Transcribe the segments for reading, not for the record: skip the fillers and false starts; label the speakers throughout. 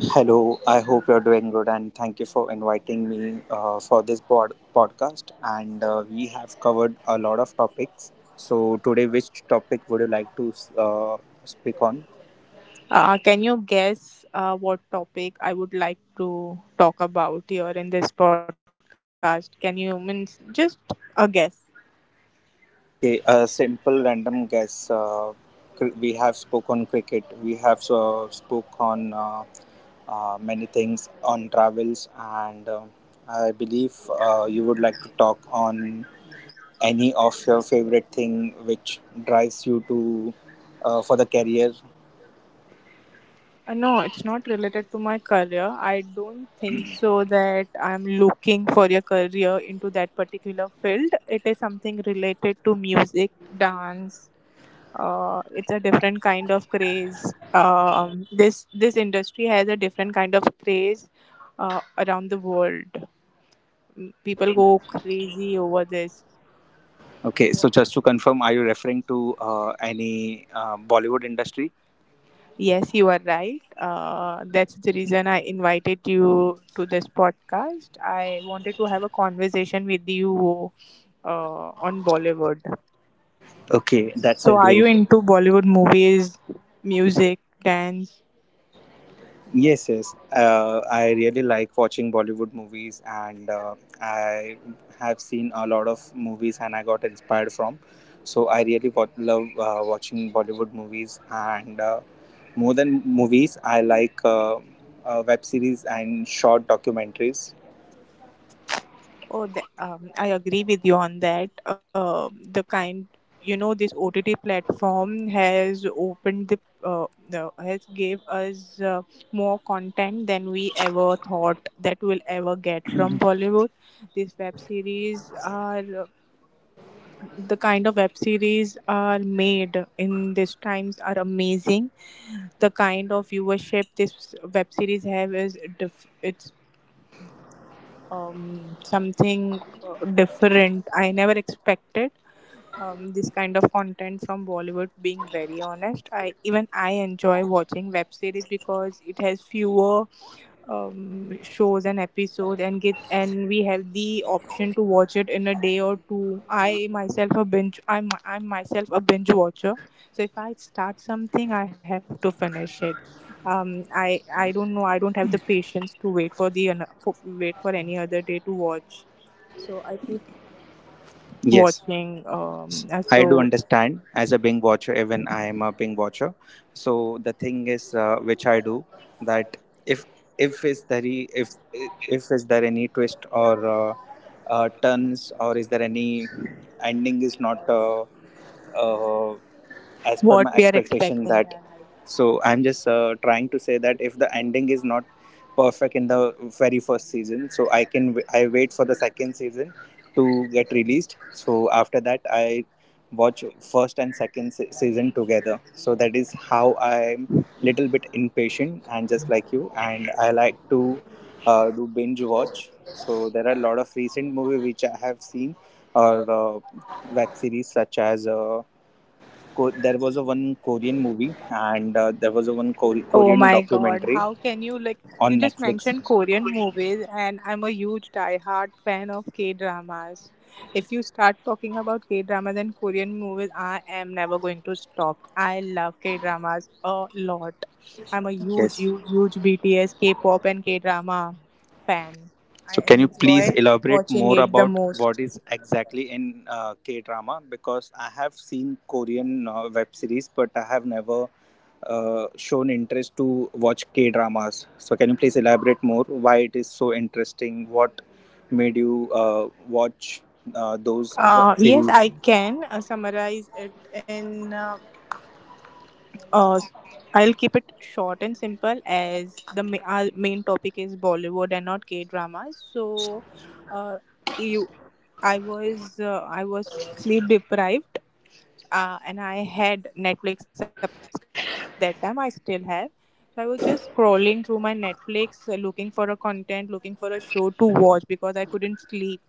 Speaker 1: Hello, I hope you're doing good and thank you for inviting me for this podcast. And we have covered a lot of topics. So, today, which topic would you like to speak on?
Speaker 2: Can you guess what topic I would like to talk about here in this podcast? Can you means just a guess?
Speaker 1: Okay, a simple random guess. We have spoke on cricket, we have spoke on many things on travels, and I believe you would like to talk on any of your favorite thing which drives you to, for the career?
Speaker 2: No, it's not related to my career. I don't think so that I'm looking for a career into that particular field. It is something related to music, dance, it's a different kind of craze. This industry has a different kind of craze around the world. Mm,
Speaker 1: So,
Speaker 2: people go crazy over this.
Speaker 1: okay, so just to confirm, are you referring to any Bollywood industry?
Speaker 2: Yes, you are right. That's the reason I invited you to this podcast. I wanted to have a conversation with you on Bollywood.
Speaker 1: Okay, that's a
Speaker 2: So, are
Speaker 1: great.
Speaker 2: you into Bollywood movies, music, dance?
Speaker 1: Yes, yes. I really like watching Bollywood movies, and I have seen a lot of movies, and I got inspired from. So I really love watching Bollywood movies, and more than movies, I like web series and short documentaries.
Speaker 2: Oh, I agree with you on that. The kind, you know, this OTT platform has opened the has gave us more content than we ever thought that we'll ever get from Bollywood. These web series are the kind of web series are made in these times are amazing. The kind of viewership this web series have is it's something different. I never expected this kind of content from Bollywood. Being very honest, I enjoy watching web series because it has fewer shows and episodes and we have the option to watch it in a day or two. I myself a binge, I'm myself a binge watcher, so if I start something I have to finish it. I don't know, I don't have the patience to wait for the an- for, wait for any other day to watch. So I keep
Speaker 1: Yes.
Speaker 2: watching
Speaker 1: I do
Speaker 2: so
Speaker 1: understand as a Bing watcher, even I am a Bing watcher. So the thing is, which I do, that if if is there any- if if is there any twist or turns, or is there any ending is not uh, as per
Speaker 2: what
Speaker 1: my
Speaker 2: we are
Speaker 1: expectation.
Speaker 2: expecting,
Speaker 1: That,
Speaker 2: and I.
Speaker 1: so I'm just, trying to say that if the ending is not perfect in the very first season, so I can w- I wait for the second season to get released. So after that I watch first and second season together. So that is how I'm little bit impatient, and just like you, and I like to do binge watch. So there are a lot of recent movie which I have seen, or web series such as there was a one Korean movie, and there was a one
Speaker 2: Oh
Speaker 1: Korean
Speaker 2: my God,
Speaker 1: documentary
Speaker 2: how can you like, you
Speaker 1: on
Speaker 2: just
Speaker 1: Netflix.
Speaker 2: mentioned Korean movies, and I'm a huge diehard fan of K-dramas. If you start talking about K-dramas and Korean movies, I am never going to stop. I love K-dramas a lot. I'm a huge,
Speaker 1: Yes.
Speaker 2: huge, huge BTS, K-pop and K-drama fan. I
Speaker 1: So can you please
Speaker 2: enjoy
Speaker 1: elaborate
Speaker 2: watching
Speaker 1: more
Speaker 2: it the
Speaker 1: about
Speaker 2: most.
Speaker 1: what is exactly in K drama? Because I have seen Korean web series, but I have never shown interest to watch K dramas. So can you please elaborate more why it is so interesting? What made you watch those
Speaker 2: Yes,
Speaker 1: series?
Speaker 2: I can summarize it in Uh, I'll keep it short and simple as our main topic is Bollywood and not K dramas. Uh, you, I was sleep deprived, and I had Netflix subscription at that time. I still have. So I was just scrolling through my Netflix, looking for a content, looking for a show to watch because I couldn't sleep,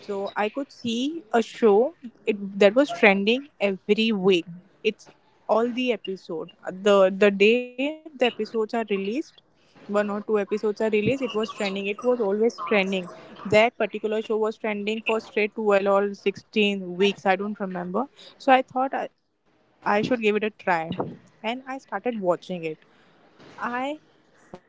Speaker 2: so I could see a show that was trending every week. It's all the episode. The day the episodes are released, one or two episodes are released, it was trending. It was always trending. That particular show was trending for straight 12 or 16 weeks. I don't remember. So I thought I should give it a try. And I started watching it. I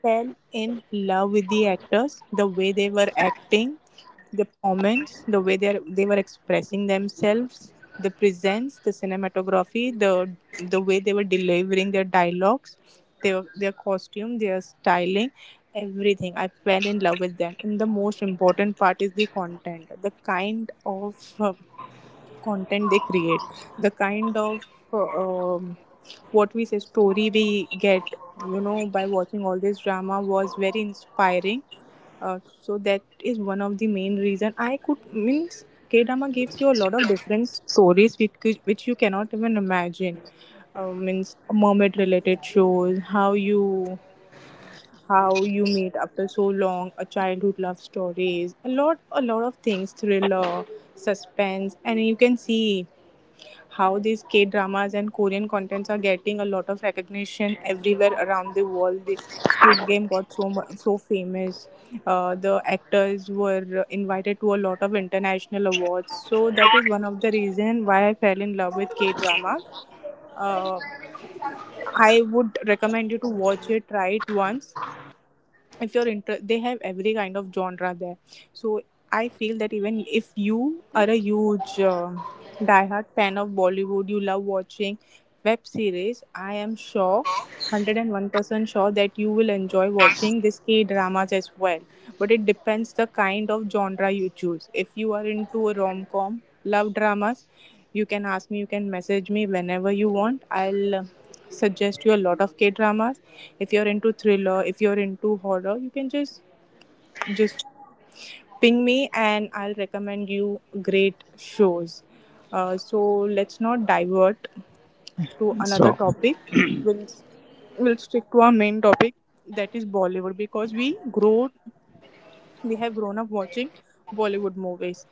Speaker 2: fell in love with the actors, the way they were acting, the performance, the way they were expressing themselves, the presence, the cinematography, the way they were delivering their dialogues, their costume, their styling, everything. I fell in love with them. And the most important part is the content, the kind of content they create, the kind of uh, um what we say story we get, you know, by watching all this drama, was very inspiring. So that is one of the main reason I could means K drama gives you a lot of different stories which you cannot even imagine. Means mermaid related shows, how you meet after so long, a childhood love stories, a lot, a lot of things, thriller, suspense. And you can see how these K-dramas and Korean contents are getting a lot of recognition everywhere around the world. The Squid Game got so famous. The actors were invited to a lot of international awards. So that is one of the reason why I fell in love with K-drama. Uh, I would recommend you to watch it, try it once. If you're inter- They have every kind of genre there, so I feel that even if you are a huge diehard fan of Bollywood, you love watching web series, I am sure 101% sure that you will enjoy watching this K dramas as well. But it depends the kind of genre you choose. If you are into a rom-com, love dramas, you can ask me, you can message me whenever you want. I'll suggest you a lot of K-dramas. If you're into thriller, if you're into horror, you can just ping me and I'll recommend you great shows. So let's not divert to another
Speaker 1: So.
Speaker 2: topic. We'll we'll stick to our main topic, that is Bollywood, because we have grown up watching Bollywood movies.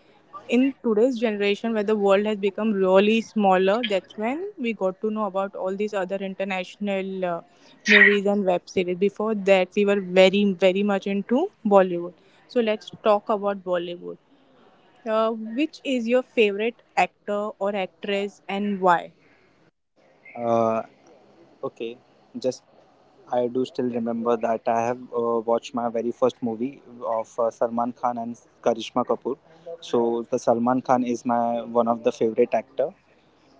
Speaker 2: In today's generation, where the world has become really smaller, that's when we got to know about all these other international movies and web series. Before that, we were very, very much into Bollywood. So, let's talk about Bollywood. Which is your favorite actor or actress and why?
Speaker 1: uh, Okay, just, I do still remember that I have watched my very first movie of Salman Khan and Karishma Kapoor. So the Salman Khan is my one of the favorite actor.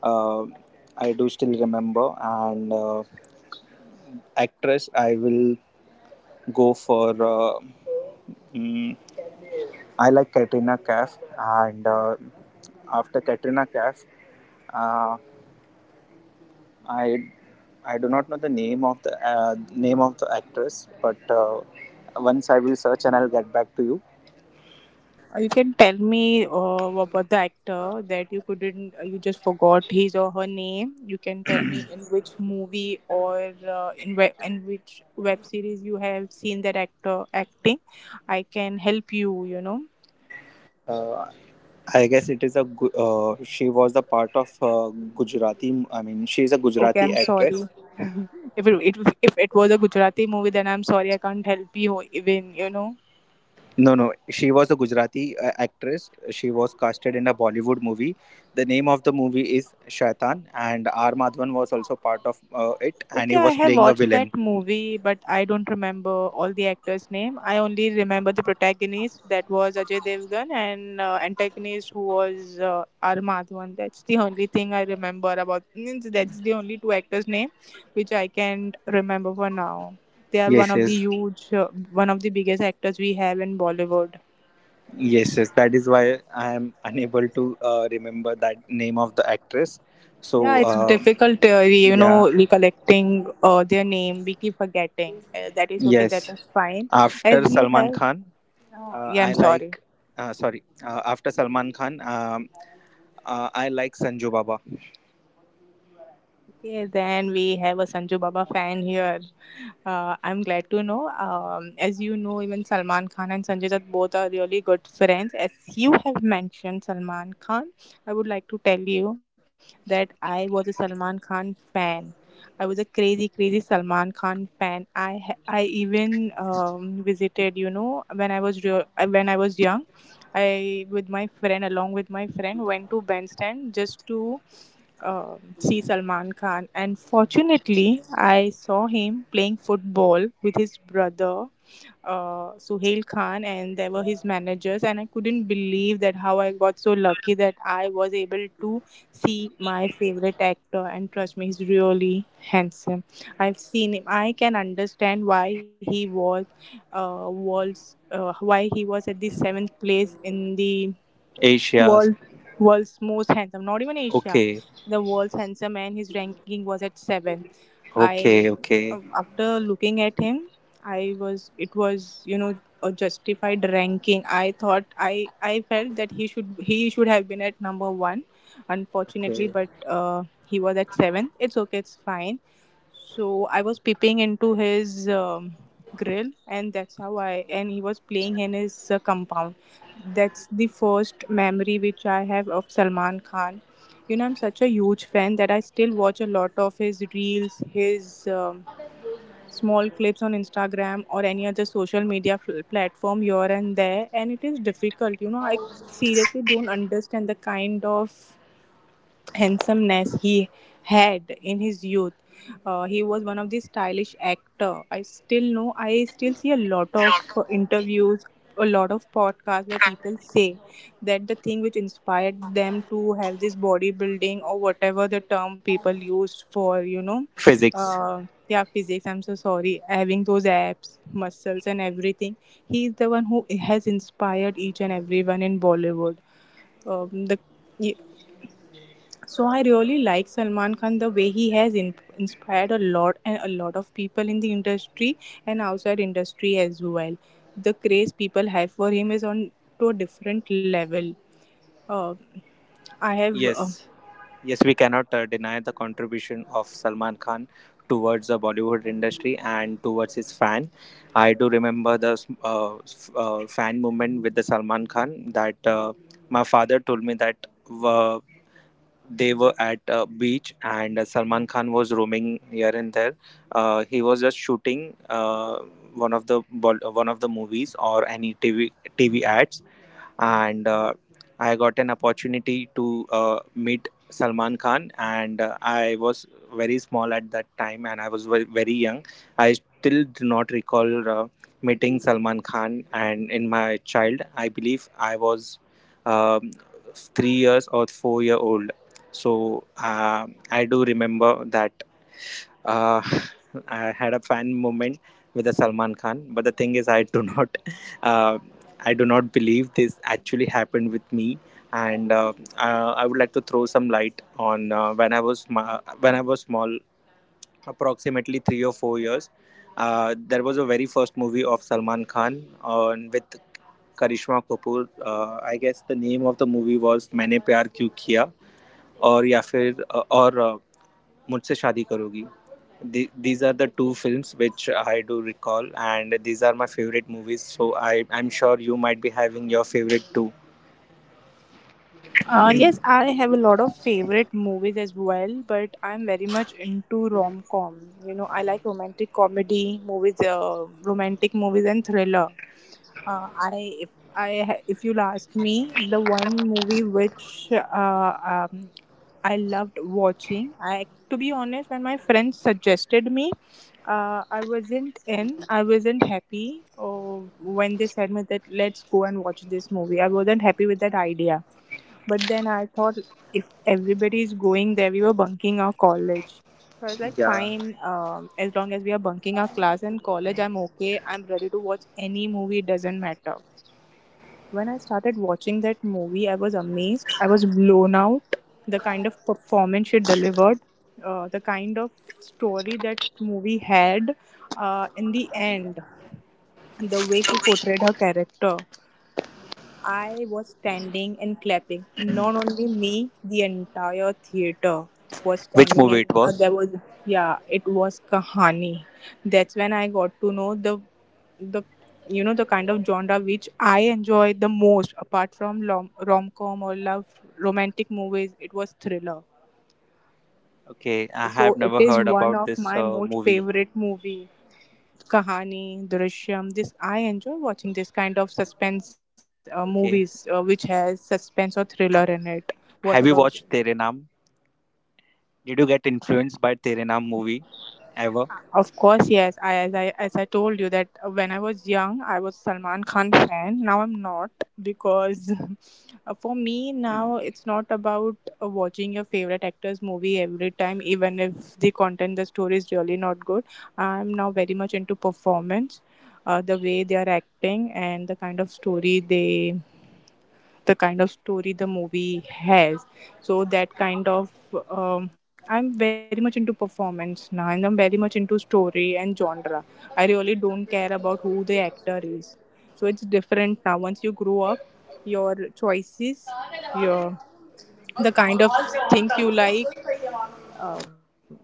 Speaker 1: Uh, I do still remember, and actress I will go for. Mm, I like Katrina Kaif, and after Katrina Kaif. Uh, I I do not know the name of the, name of the actress, but once I will search and I'll get back to you.
Speaker 2: You can tell me about the actor that you couldn't, you just forgot his or her name. You can tell me in which movie or in which web series you have seen that actor acting. I can help you. You know.
Speaker 1: Uh, I guess it is a she was the part of Gujarati. I mean, she is a
Speaker 2: Okay,
Speaker 1: Gujarati
Speaker 2: I'm
Speaker 1: actress.
Speaker 2: sorry. If it was a Gujarati movie, then I'm sorry I can't help you even. You know.
Speaker 1: No, no, she was a Gujarati actress. She was casted in a Bollywood movie. The name of the movie is Shaitan, and R. Madhavan was also part of it, and
Speaker 2: Okay,
Speaker 1: he
Speaker 2: I
Speaker 1: was
Speaker 2: have
Speaker 1: playing a
Speaker 2: watched that
Speaker 1: villain.
Speaker 2: movie, but I don't remember all the actors' name. I only remember the protagonist that was Ajay Devgan and antagonist who was R Madhavan. That's the only thing I remember about. Means that's the only two actors' name which I can remember for now. They are one
Speaker 1: Yes,
Speaker 2: of the
Speaker 1: yes.
Speaker 2: huge, one of the biggest actors we have in Bollywood.
Speaker 1: Yes, yes, that is why I am unable to remember that name of the actress.
Speaker 2: Yeah,
Speaker 1: So,
Speaker 2: it's difficult, you
Speaker 1: yeah,
Speaker 2: know, recollecting their name. We keep forgetting. That is okay. That
Speaker 1: yes.
Speaker 2: is fine
Speaker 1: After
Speaker 2: as you
Speaker 1: Salman
Speaker 2: have.
Speaker 1: Khan,
Speaker 2: Oh, yeah,
Speaker 1: I
Speaker 2: I'm sorry.
Speaker 1: like. Sorry, after Salman Khan, I like Sanju Baba.
Speaker 2: Okay, then we have a Sanju Baba fan here. I'm glad to know. As you know, even Salman Khan and Sanjay Dutt both are really good friends. As you have mentioned Salman Khan, I would like to tell you that I was a Salman Khan fan. I was a crazy, crazy Salman Khan fan. I even visited, you know, when I was young, I with my friend along with my friend went to bandstand just to see Salman Khan. And fortunately, I saw him playing football with his brother Suhail Khan, and they were his managers. And I couldn't believe that how I got so lucky that I was able to see my favorite actor. And trust me, he's really handsome. I've seen him. I can understand why he was at the seventh place in the
Speaker 1: Asia.
Speaker 2: world world's most handsome, not even Asia,
Speaker 1: Okay,
Speaker 2: the world's handsome man. His ranking was at 7. I
Speaker 1: okay, okay,
Speaker 2: After looking at him, I was it was, you know, a justified ranking. I thought, I felt that he should have been at number 1, unfortunately.
Speaker 1: okay.
Speaker 2: But he was at 7. It's okay, it's fine. So I was peeping into his grill, and that's how I and he was playing in his compound. That's the first memory which I have of Salman Khan. You know, I'm such a huge fan that I still watch a lot of his reels, his small clips on Instagram or any other social media platform here and there. And it is difficult, you know, I seriously don't understand the kind of handsomeness he had in his youth. He was one of the stylish actor. I still know. I still see a lot of interviews, a lot of podcasts where people say that the thing which inspired them to have this bodybuilding or whatever the term people used for, you know,
Speaker 1: Physics.
Speaker 2: uh, yeah, physics. I'm so sorry. Having those abs, muscles, and everything. He is the one who has inspired each and everyone in Bollywood. The so I really like Salman Khan the way he has inspired a lot and a lot of people in the industry and outside industry as well. The craze people have for him is on to a different level. Uh, I have.
Speaker 1: Yes, yes, we cannot deny the contribution of Salman Khan towards the Bollywood industry and towards his fan. I do remember the fan movement with the Salman Khan, that my father told me that uh, they were at a beach and Salman Khan was roaming here and there. He was just shooting one of the movies or any TV ads, and I got an opportunity to meet Salman Khan, and I was very small at that time, and I was very young. I still do not recall meeting Salman Khan, and in my child, I believe I was um, 3 years or 4 year old. So I do remember that uh, I had a fan moment with the Salman Khan, but the thing is, I do not, uh, I do not believe this actually happened with me. And I would like to throw some light on when I was small, approximately 3 or 4 years. There was a very first movie of Salman Khan on with Karishma Kapoor. I guess the name of the movie was "Maine Pyar Kyun Kiya." और या फिर अ, और अ, मुझसे शादी करोगी these are the two films which I do recall and these are my favourite movies so I I am sure you might be having your favourite two
Speaker 2: Yes, I have a lot of favorite movies as well, but I'm very much into rom com. You know, I like romantic comedy movies, romantic movies, and thriller. I if I ha- If you'll ask me, the one movie which I loved watching, I to be honest, when my friends suggested me, I wasn't happy. Oh, when they said me that let's go and watch this movie, I wasn't happy with that idea, but then I thought if everybody is going there, we were bunking our college. So I was like,
Speaker 1: या
Speaker 2: fine, as long as we are bunking our class and college, I'm okay. I'm ready to watch any movie, it doesn't matter. When I started watching that movie, I was amazed. I was blown out. The kind of performance she delivered, the kind of story that movie had, in the end, the way she portrayed her character. I was standing and clapping. Not only me, the entire theater was
Speaker 1: which
Speaker 2: standing,
Speaker 1: movie
Speaker 2: and
Speaker 1: it was
Speaker 2: there was. Yeah, it was Kahani. That's when I got to know the the kind of genre which I enjoy the most, apart from rom com or love romantic movies. It was thriller.
Speaker 1: Okay I
Speaker 2: So
Speaker 1: have
Speaker 2: it
Speaker 1: never
Speaker 2: is
Speaker 1: heard
Speaker 2: one
Speaker 1: about
Speaker 2: of
Speaker 1: this
Speaker 2: my most
Speaker 1: movie
Speaker 2: favorite movie. Kahani, Drishyam. This I enjoy watching this kind of suspense movies,
Speaker 1: okay
Speaker 2: which has suspense or thriller in it. What about
Speaker 1: have
Speaker 2: you?
Speaker 1: You watch Tere Naam did you get influence by Tere Naam movie
Speaker 2: Of course, yes. I as I as I told you that when I was young, I was Salman Khan fan. Now I'm not, because for me now it's not about watching your favorite actor's movie every time, even if the content, the story is really not good. I'm now very much into performance, the way they are acting and the kind of story the movie has. So that kind of, I'm very much into performance now, and I'm very much into story and genre. I really don't care about who the actor is. So it's different now. Once you grow up, your choices, your, the kind of things you like, um,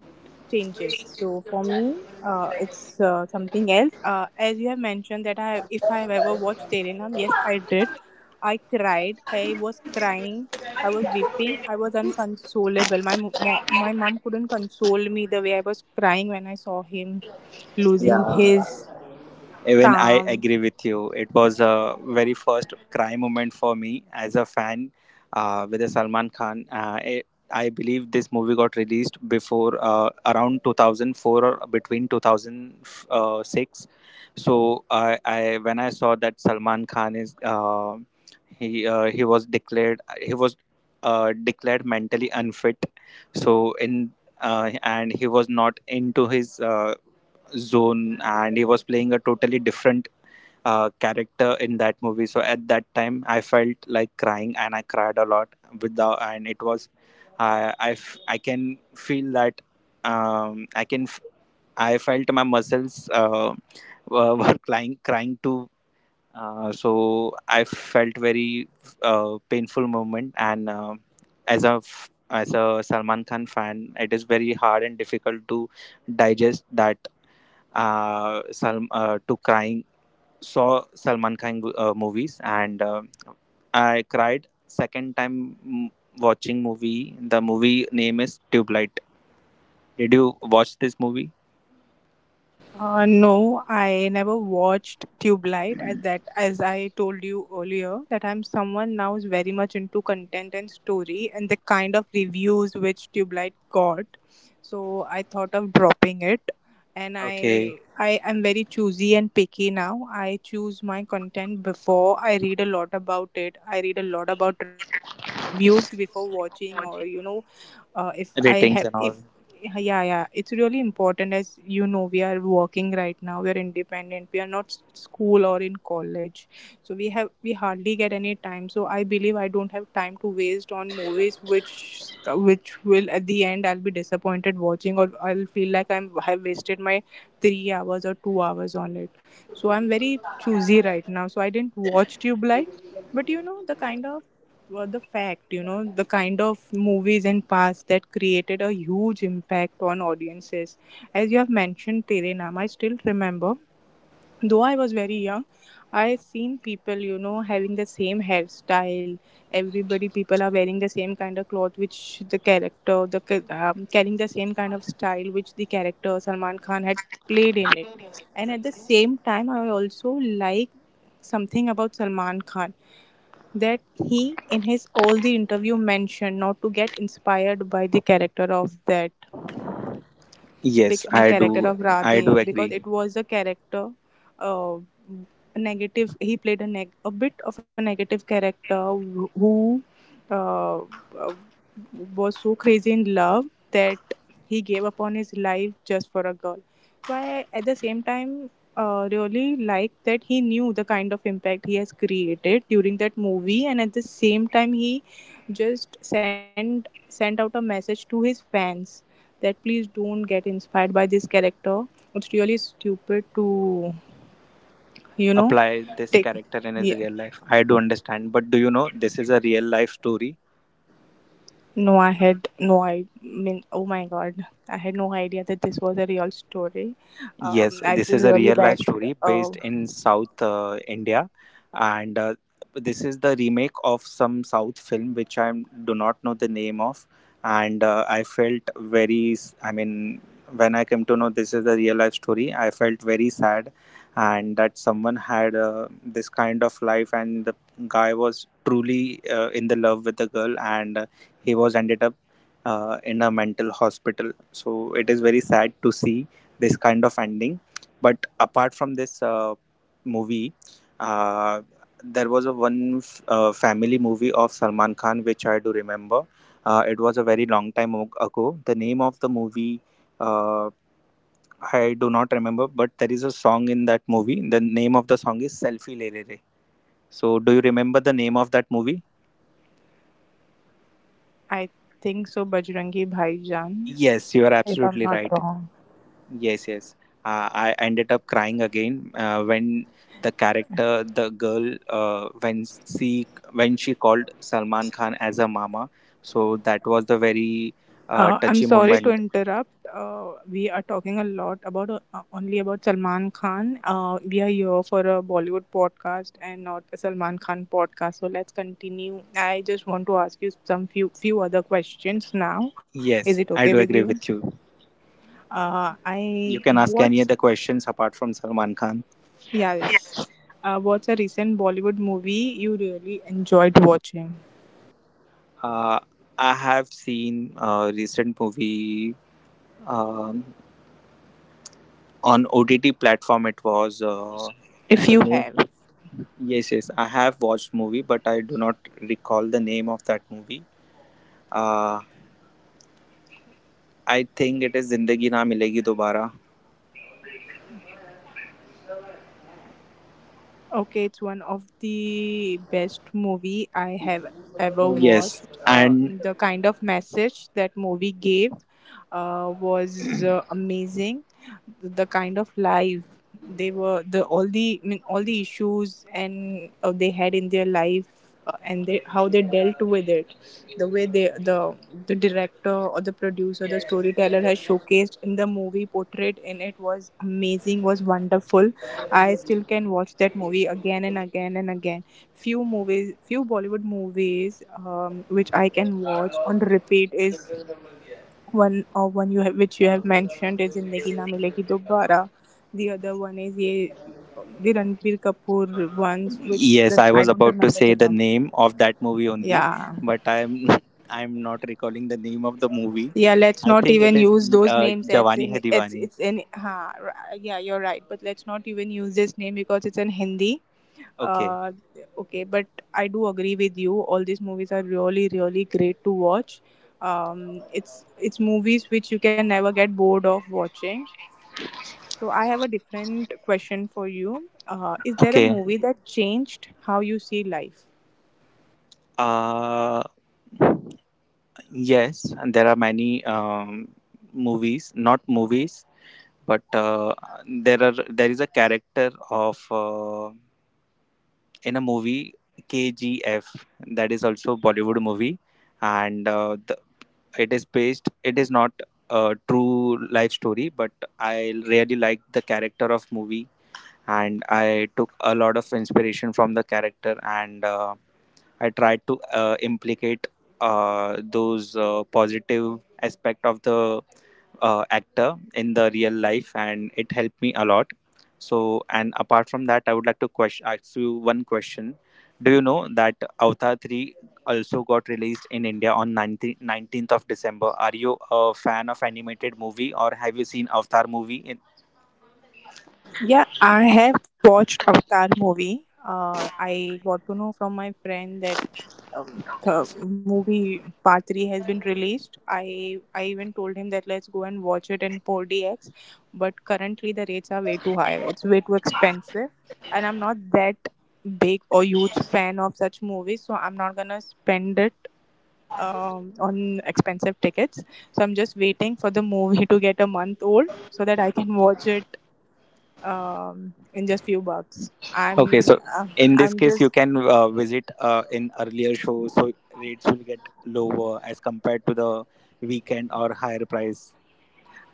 Speaker 2: changes. So for me, it's something else. As you have mentioned, that I have, if I have ever watched Terenam, yes, I did. I cried. I was crying. I was weeping. I was unconsolable. My mom couldn't console me the way I was crying when I saw him losing
Speaker 1: ever
Speaker 2: his
Speaker 1: Even I
Speaker 2: calm.
Speaker 1: agree with you. It was a very first cry moment for me as a fan with the Salman Khan. I believe this movie got released before, around 2004 or between 2006. So I when I saw that Salman Khan is he, he was declared mentally unfit. So in and he was not into his zone, and he was playing a totally different character in that movie. So at that time I felt like crying, and I cried a lot with the and it was I can feel that, um, i can f- I felt my muscles were crying too, so I felt very painful moment, and as a Salman Khan fan, it is very hard and difficult to digest that Sal-, to crying saw Salman Khan movies, and I cried second time, watching movie, the movie name is Tube Light. Did you watch this movie?
Speaker 2: No, I never watched Tube Light. As that, as I told you earlier, that I'm someone now is very much into content and story, and the kind of reviews which Tube Light got, so I thought of dropping it. And I
Speaker 1: Okay,
Speaker 2: I am very choosy and picky now. I choose my content before. I read a lot about it. I read a lot about, a lot of reviews before watching, or you know if I
Speaker 1: ratings
Speaker 2: have
Speaker 1: and all.
Speaker 2: if yeah, yeah, it's really important. As you know, we are working right now, we are independent, we are not school or in college, so we have, we hardly get any time. So I believe I don't have time to waste on movies which will at the end, I'll be disappointed watching, or I'll feel like I'm, have wasted my 3 hours or 2 hours on it. So I'm very choosy right now, so I didn't watch Tube Light. But you know the kind of, were the fact, you know, the kind of movies in past that created a huge impact on audiences. As you have mentioned, Tere Naam, I still remember, though I was very young, I seen people, you know, having the same hairstyle. Everybody, people are wearing the same kind of cloth, which the character, carrying the same kind of style which the character Salman Khan had played in it. And at the same time, I also like something about Salman Khan, that he in his all the interview mentioned not to get inspired by the character of that
Speaker 1: Yes,
Speaker 2: fictional
Speaker 1: I
Speaker 2: character
Speaker 1: do.
Speaker 2: of
Speaker 1: I do
Speaker 2: Radhe, because
Speaker 1: agree.
Speaker 2: it was a character, uh, negative, he played a bit of a negative character, who uh, uh, was so crazy in love that he gave up on his life just for a girl. So I, at the same time, really like that he knew the kind of impact he has created during that movie, and at the same time he just sent sent out a message to his fans that please don't get inspired by this character. It's really stupid to, you know,
Speaker 1: Apply this
Speaker 2: take.
Speaker 1: character in his
Speaker 2: Yeah.
Speaker 1: real life, I do understand, but do you know this is a real life story?
Speaker 2: No, I had no, I mean, oh my god, I had no idea that this was a real story.
Speaker 1: Yes,
Speaker 2: I
Speaker 1: this
Speaker 2: feel
Speaker 1: is a real
Speaker 2: really
Speaker 1: life
Speaker 2: bad.
Speaker 1: story based
Speaker 2: Uh,
Speaker 1: in South India, and this is the remake of some South film which I do not know the name of, and I felt very. I mean, when I came to know this is a real life story, I felt very sad, and that someone had this kind of life, and the guy was truly in the love with the girl, and he was ended up in a mental hospital. So it is very sad to see this kind of ending. But apart from this movie, uh, there was a one family movie of Salman Khan which I do remember. It was a very long time ago. The name of the movie, uh, I do not remember, but there is a song in that movie. The name of the song is Selfie Le Le Le. So, do you remember the name of that movie?
Speaker 2: I think so, Bajrangi Bhaijaan,
Speaker 1: Yes, you are
Speaker 2: if I'm
Speaker 1: absolutely
Speaker 2: not
Speaker 1: right.
Speaker 2: wrong.
Speaker 1: Yes, yes. I ended up crying again when the character, the girl, when she called Salman Khan as a mama. So that was the very
Speaker 2: I'm
Speaker 1: touchy
Speaker 2: sorry to
Speaker 1: moment.
Speaker 2: interrupt. We are talking a lot about, only about Salman Khan. We are here for a Bollywood podcast and not a Salman Khan podcast. So let's continue. I just want to ask you some few other questions now. Is it
Speaker 1: Yes,
Speaker 2: okay
Speaker 1: I
Speaker 2: with
Speaker 1: do
Speaker 2: you?
Speaker 1: agree with you.
Speaker 2: I
Speaker 1: You can ask
Speaker 2: what's,
Speaker 1: any other questions apart from Salman Khan.
Speaker 2: yeah, yes. What's a recent Bollywood movie you really enjoyed watching?
Speaker 1: Uh, I have seen a recent movie um, on OTT platform. It was,
Speaker 2: If
Speaker 1: the
Speaker 2: you
Speaker 1: name.
Speaker 2: have.
Speaker 1: Yes, yes, I have watched movie, but I do not recall the name of that movie. Uh, I think it is Zindagi Na Milegi Dobara.
Speaker 2: Okay, it's one of the best movie I have ever
Speaker 1: Yes,
Speaker 2: watched.
Speaker 1: and
Speaker 2: The kind of message that movie gave, was, amazing, the kind of life they were, the all the, I mean, all the issues and they had in their life, and they, how they dealt with it, the way they, the director or the producer, the storyteller, has showcased in the movie, portrayed in it, was amazing, was wonderful. I still can watch that movie again and again and again. Few movies, few Bollywood movies, which I can watch on repeat, is one, or one you have, which you have mentioned, is Zindagi Na Milegi Dobara. The other one is ye, the Ranbir Kapoor ones, which
Speaker 1: yes,
Speaker 2: the,
Speaker 1: I
Speaker 2: I
Speaker 1: was
Speaker 2: don't
Speaker 1: about to
Speaker 2: remember
Speaker 1: say
Speaker 2: the
Speaker 1: the
Speaker 2: name.
Speaker 1: name of that movie only,
Speaker 2: Yeah,
Speaker 1: but I'm I'm not recalling the name of the movie.
Speaker 2: yeah. Let's
Speaker 1: I
Speaker 2: not
Speaker 1: think it
Speaker 2: even
Speaker 1: is
Speaker 2: use those names. It's
Speaker 1: Jawani Hai
Speaker 2: in, it's
Speaker 1: Diwani.
Speaker 2: it's in. Ha, r- yeah, you're right. But let's not even use this name because it's in Hindi.
Speaker 1: Okay,
Speaker 2: Uh, okay, but I do agree with you. All these movies are really really great to watch. It's movies which you can never get bored of watching. So I have a different question for you. Is there a
Speaker 1: okay.
Speaker 2: movie that changed how you see life?
Speaker 1: Uh, yes, and there are many movies, not movies. But there are there is a character of in a movie KGF, that is also Bollywood movie, and it is not a true life story, but I really liked the character of movie, and I took a lot of inspiration from the character, and I tried to implicate those positive aspect of the actor in the real life, and it helped me a lot. So, and apart from that, I would like to ask you one question. Do you know that Avatar 3 also got released in India on 19th of December? Are you a fan of animated movie, or have you seen Avatar movie in,
Speaker 2: Yeah, I have watched Avatar movie. I got to know from my friend that, the movie Part Three has been released. I even told him that let's go and watch it in 4DX, but currently the rates are way too high. It's way too expensive, and I'm not that big or huge fan of such movies, so I'm not gonna spend it, on expensive tickets. So I'm just waiting for the movie to get a month old so that I can watch it, in just few bucks.
Speaker 1: okay, so
Speaker 2: Uh,
Speaker 1: in this
Speaker 2: I'm
Speaker 1: case, you
Speaker 2: just
Speaker 1: can visit in earlier show, so rates will get lower as compared to the weekend or higher price.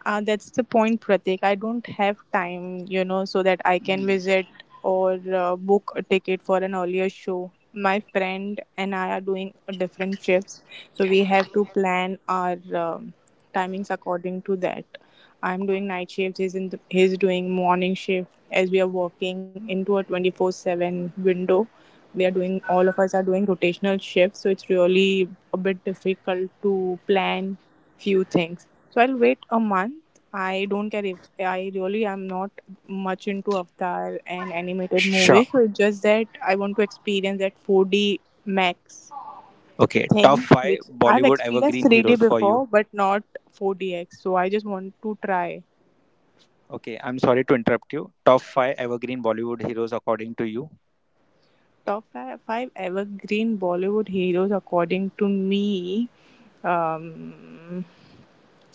Speaker 2: That's the point, Pratik. I don't have time, you know, so that I can visit or book a ticket for an earlier show. My friend and I are doing different shifts, so we have to plan our, timings according to that. I'm doing night shifts. He's in the, he's doing morning shift. As we are working into a 24/7 window, we are doing, all of us are doing rotational shifts. So it's really a bit difficult to plan few things. So I'll wait a month. I don't care, if I really am not much into Avatar and animated
Speaker 1: Sure.
Speaker 2: movies. So it's just that I want to experience that 4D max
Speaker 1: Okay, top
Speaker 2: thing,
Speaker 1: five
Speaker 2: which I've
Speaker 1: Bollywood
Speaker 2: experienced
Speaker 1: evergreen
Speaker 2: 3D
Speaker 1: heroes for you.
Speaker 2: before, but not 4DX. So I just want to try.
Speaker 1: Okay, I'm sorry to interrupt you. Top five evergreen Bollywood heroes according to you.
Speaker 2: Five evergreen Bollywood heroes, according to me, um,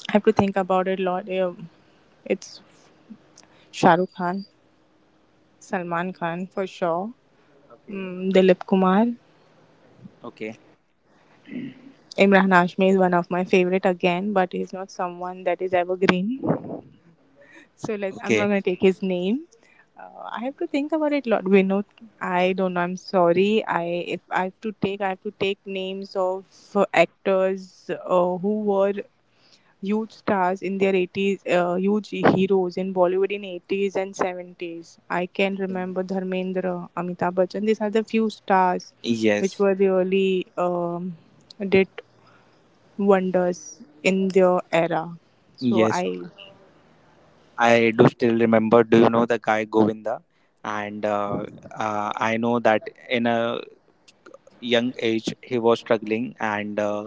Speaker 2: I have to think about it a lot. It's Shah Rukh Khan, Salman Khan for sure,
Speaker 1: Okay.
Speaker 2: Dilip Kumar,
Speaker 1: Okay.
Speaker 2: Imran Hashmi is one of my favorite again, but he's not someone that is evergreen. So let, I'm not
Speaker 1: Okay.
Speaker 2: gonna take his name. I have to think about it a lot. Vinod, I don't know. I'm sorry. I, if I have to take, I have to take names of actors who were huge stars in their 80s, huge heroes in Bollywood in 80s and 70s. I can remember Dharmendra, Amitabh Bachchan. These are the few stars which
Speaker 1: Yes.
Speaker 2: were really, did wonders in their era. So
Speaker 1: Yes.
Speaker 2: I,
Speaker 1: I do still remember. Do you know the guy Govinda? And I know that in a young age he was struggling and. Uh,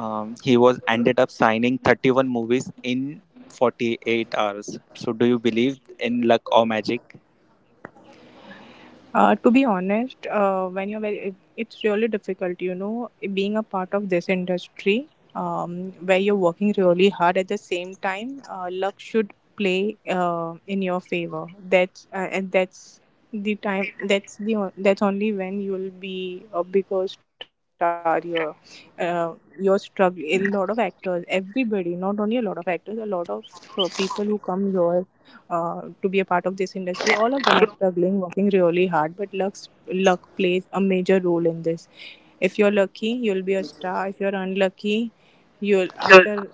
Speaker 1: Um, He was ended up signing 31 movies in 48 hours. So, do you believe in luck or magic?
Speaker 2: to be honest, when you're very, it's really difficult, you know, being a part of this industry, where you're working really hard at the same time. Luck should play in your favor. That's and that's the time. That's only when you'll be a bigger star. Your, uh, your struggle. A lot of actors, everybody, not only a lot of actors, a lot of people who come here, to be a part of this industry. All of them are struggling, working really hard, but luck plays a major role in this. If you're lucky, you'll be a star. If you're unlucky, you'll after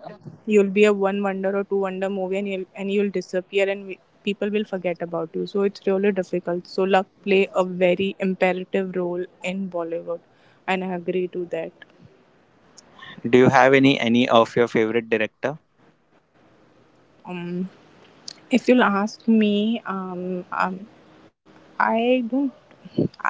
Speaker 2: you'll be a one wonder or two wonder movie, and you'll disappear, and we, people will forget about you. So it's really difficult. So luck play a very imperative role in Bollywood, and I agree to that.
Speaker 1: Do you have any of your favorite director?
Speaker 2: Um, if you'll ask me, I don't.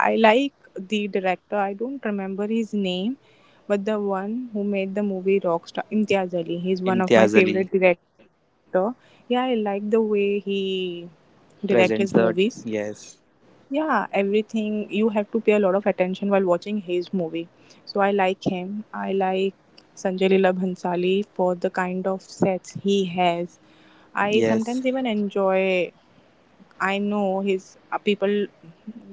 Speaker 2: I like the director. I don't remember his name, but the one who made the movie Rockstar, Imtiaz Ali. He's one of
Speaker 1: Imtiaz
Speaker 2: my
Speaker 1: Ali
Speaker 2: favorite director. Yeah, I like the way he direct his
Speaker 1: presents
Speaker 2: movies.
Speaker 1: the. Yes,
Speaker 2: Yeah, everything, you have to pay a lot of attention while watching his movie. So I like him. I like Sanjay Leela Bhansali for the kind of sets he has. I
Speaker 1: yes.
Speaker 2: sometimes even enjoy, I know his people,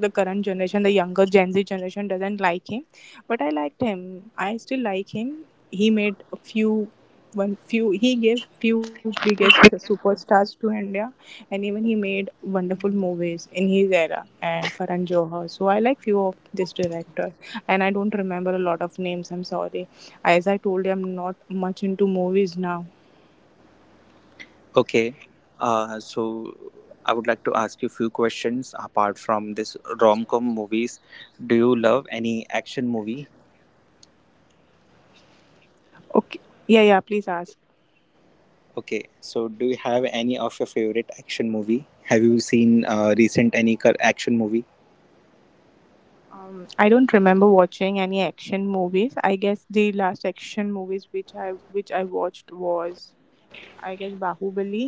Speaker 2: the current generation, the younger Gen Z generation doesn't like him, but I liked him. I still like him. He made a few, one few. He gave few biggest superstars to India, and even he made wonderful movies in his era, and Karan Johar. So I like few of this director, and I don't remember a lot of names. I'm sorry. As I told you, I'm not much into movies now.
Speaker 1: Okay. So I would like to ask you a few questions apart from this rom-com movies. Do you love any action movie?
Speaker 2: Okay. Yeah, yeah. Please ask.
Speaker 1: Okay, so do you have any of your favorite action movie? Have you seen recent any action movie?
Speaker 2: I don't remember watching any action movies. I guess the last action movies which I watched was, I guess, Bahubali,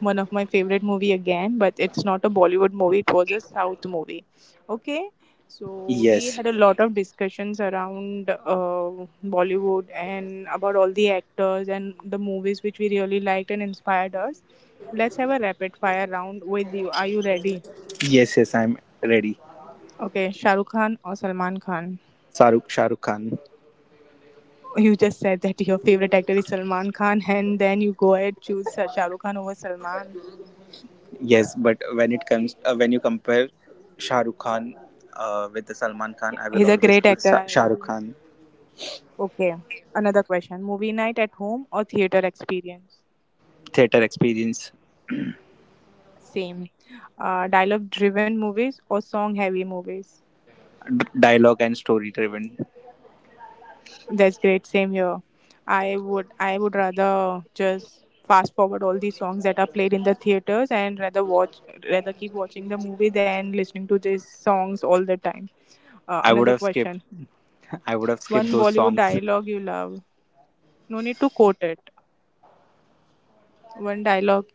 Speaker 2: one of my favorite movie again, but it's not a Bollywood movie, it was a South movie. Okay. So we
Speaker 1: Yes.
Speaker 2: had a lot of discussions around Bollywood and about all the actors and the movies which we really liked and inspired us. Let's have a rapid fire round with you. Are you ready?
Speaker 1: Yes, yes, I'm ready.
Speaker 2: Okay, Shahrukh Khan or Salman Khan?
Speaker 1: Saruk Shahrukh Khan.
Speaker 2: You just said that your favorite actor is Salman Khan, and then you go ahead choose Shah Rukh Khan over Salman.
Speaker 1: Yes, but when it comes, when you compare Shahrukh Khan with the Salman Khan, I will
Speaker 2: He's a
Speaker 1: always
Speaker 2: great
Speaker 1: put
Speaker 2: actor. I
Speaker 1: Shahrukh
Speaker 2: agree.
Speaker 1: Khan.
Speaker 2: Okay, another question: movie night at home or theater experience?
Speaker 1: Theater experience,
Speaker 2: Same. Dialogue-driven movies or song-heavy movies?
Speaker 1: dialogue and story driven.
Speaker 2: That's great. Same here. I would rather just fast forward all these songs that are played in the theaters, and rather watch, rather keep watching the movie than listening to these songs all the time.
Speaker 1: I would
Speaker 2: Another
Speaker 1: have skipped.
Speaker 2: question.
Speaker 1: I would have
Speaker 2: One
Speaker 1: skipped those
Speaker 2: Bollywood
Speaker 1: songs.
Speaker 2: dialogue you love. No need to quote it. One dialogue,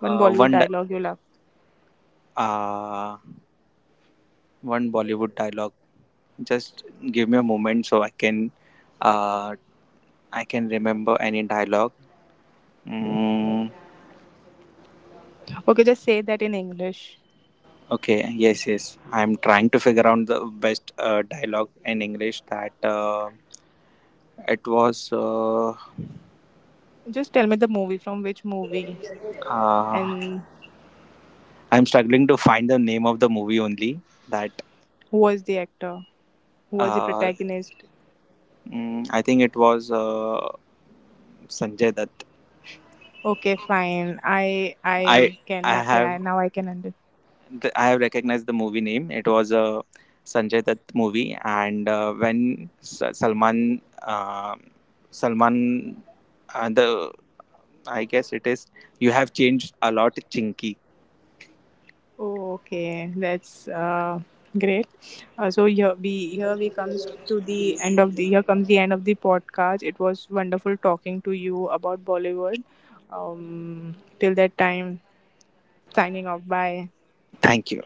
Speaker 2: one
Speaker 1: Uh,
Speaker 2: Bollywood
Speaker 1: one, di-
Speaker 2: dialogue you love.
Speaker 1: uh, One Bollywood dialogue. Just give me a moment so uh, I can remember any dialogue. Mm.
Speaker 2: Okay, just say that in English.
Speaker 1: Okay, yes, yes. I'm trying to figure out the best dialogue in English that, it was.
Speaker 2: Just tell me the movie, from which movie,
Speaker 1: Uh,
Speaker 2: and
Speaker 1: I'm struggling to find the name of the movie only. That,
Speaker 2: who was the actor, who was the
Speaker 1: uh,
Speaker 2: protagonist.
Speaker 1: I think it was Sanjay Dutt.
Speaker 2: Okay, fine. I
Speaker 1: I
Speaker 2: I can,
Speaker 1: I
Speaker 2: okay,
Speaker 1: have
Speaker 2: I, now I can understand.
Speaker 1: I have recognized the movie name. It was a Sanjay Dutt movie, and when Salman and the I guess it is. You have changed a lot, Chinky.
Speaker 2: Oh, okay, that's great. So here we comes to the end of the here comes the end of the podcast. It was wonderful talking to you about Bollywood. Till that time, signing off. Bye.
Speaker 1: Thank you.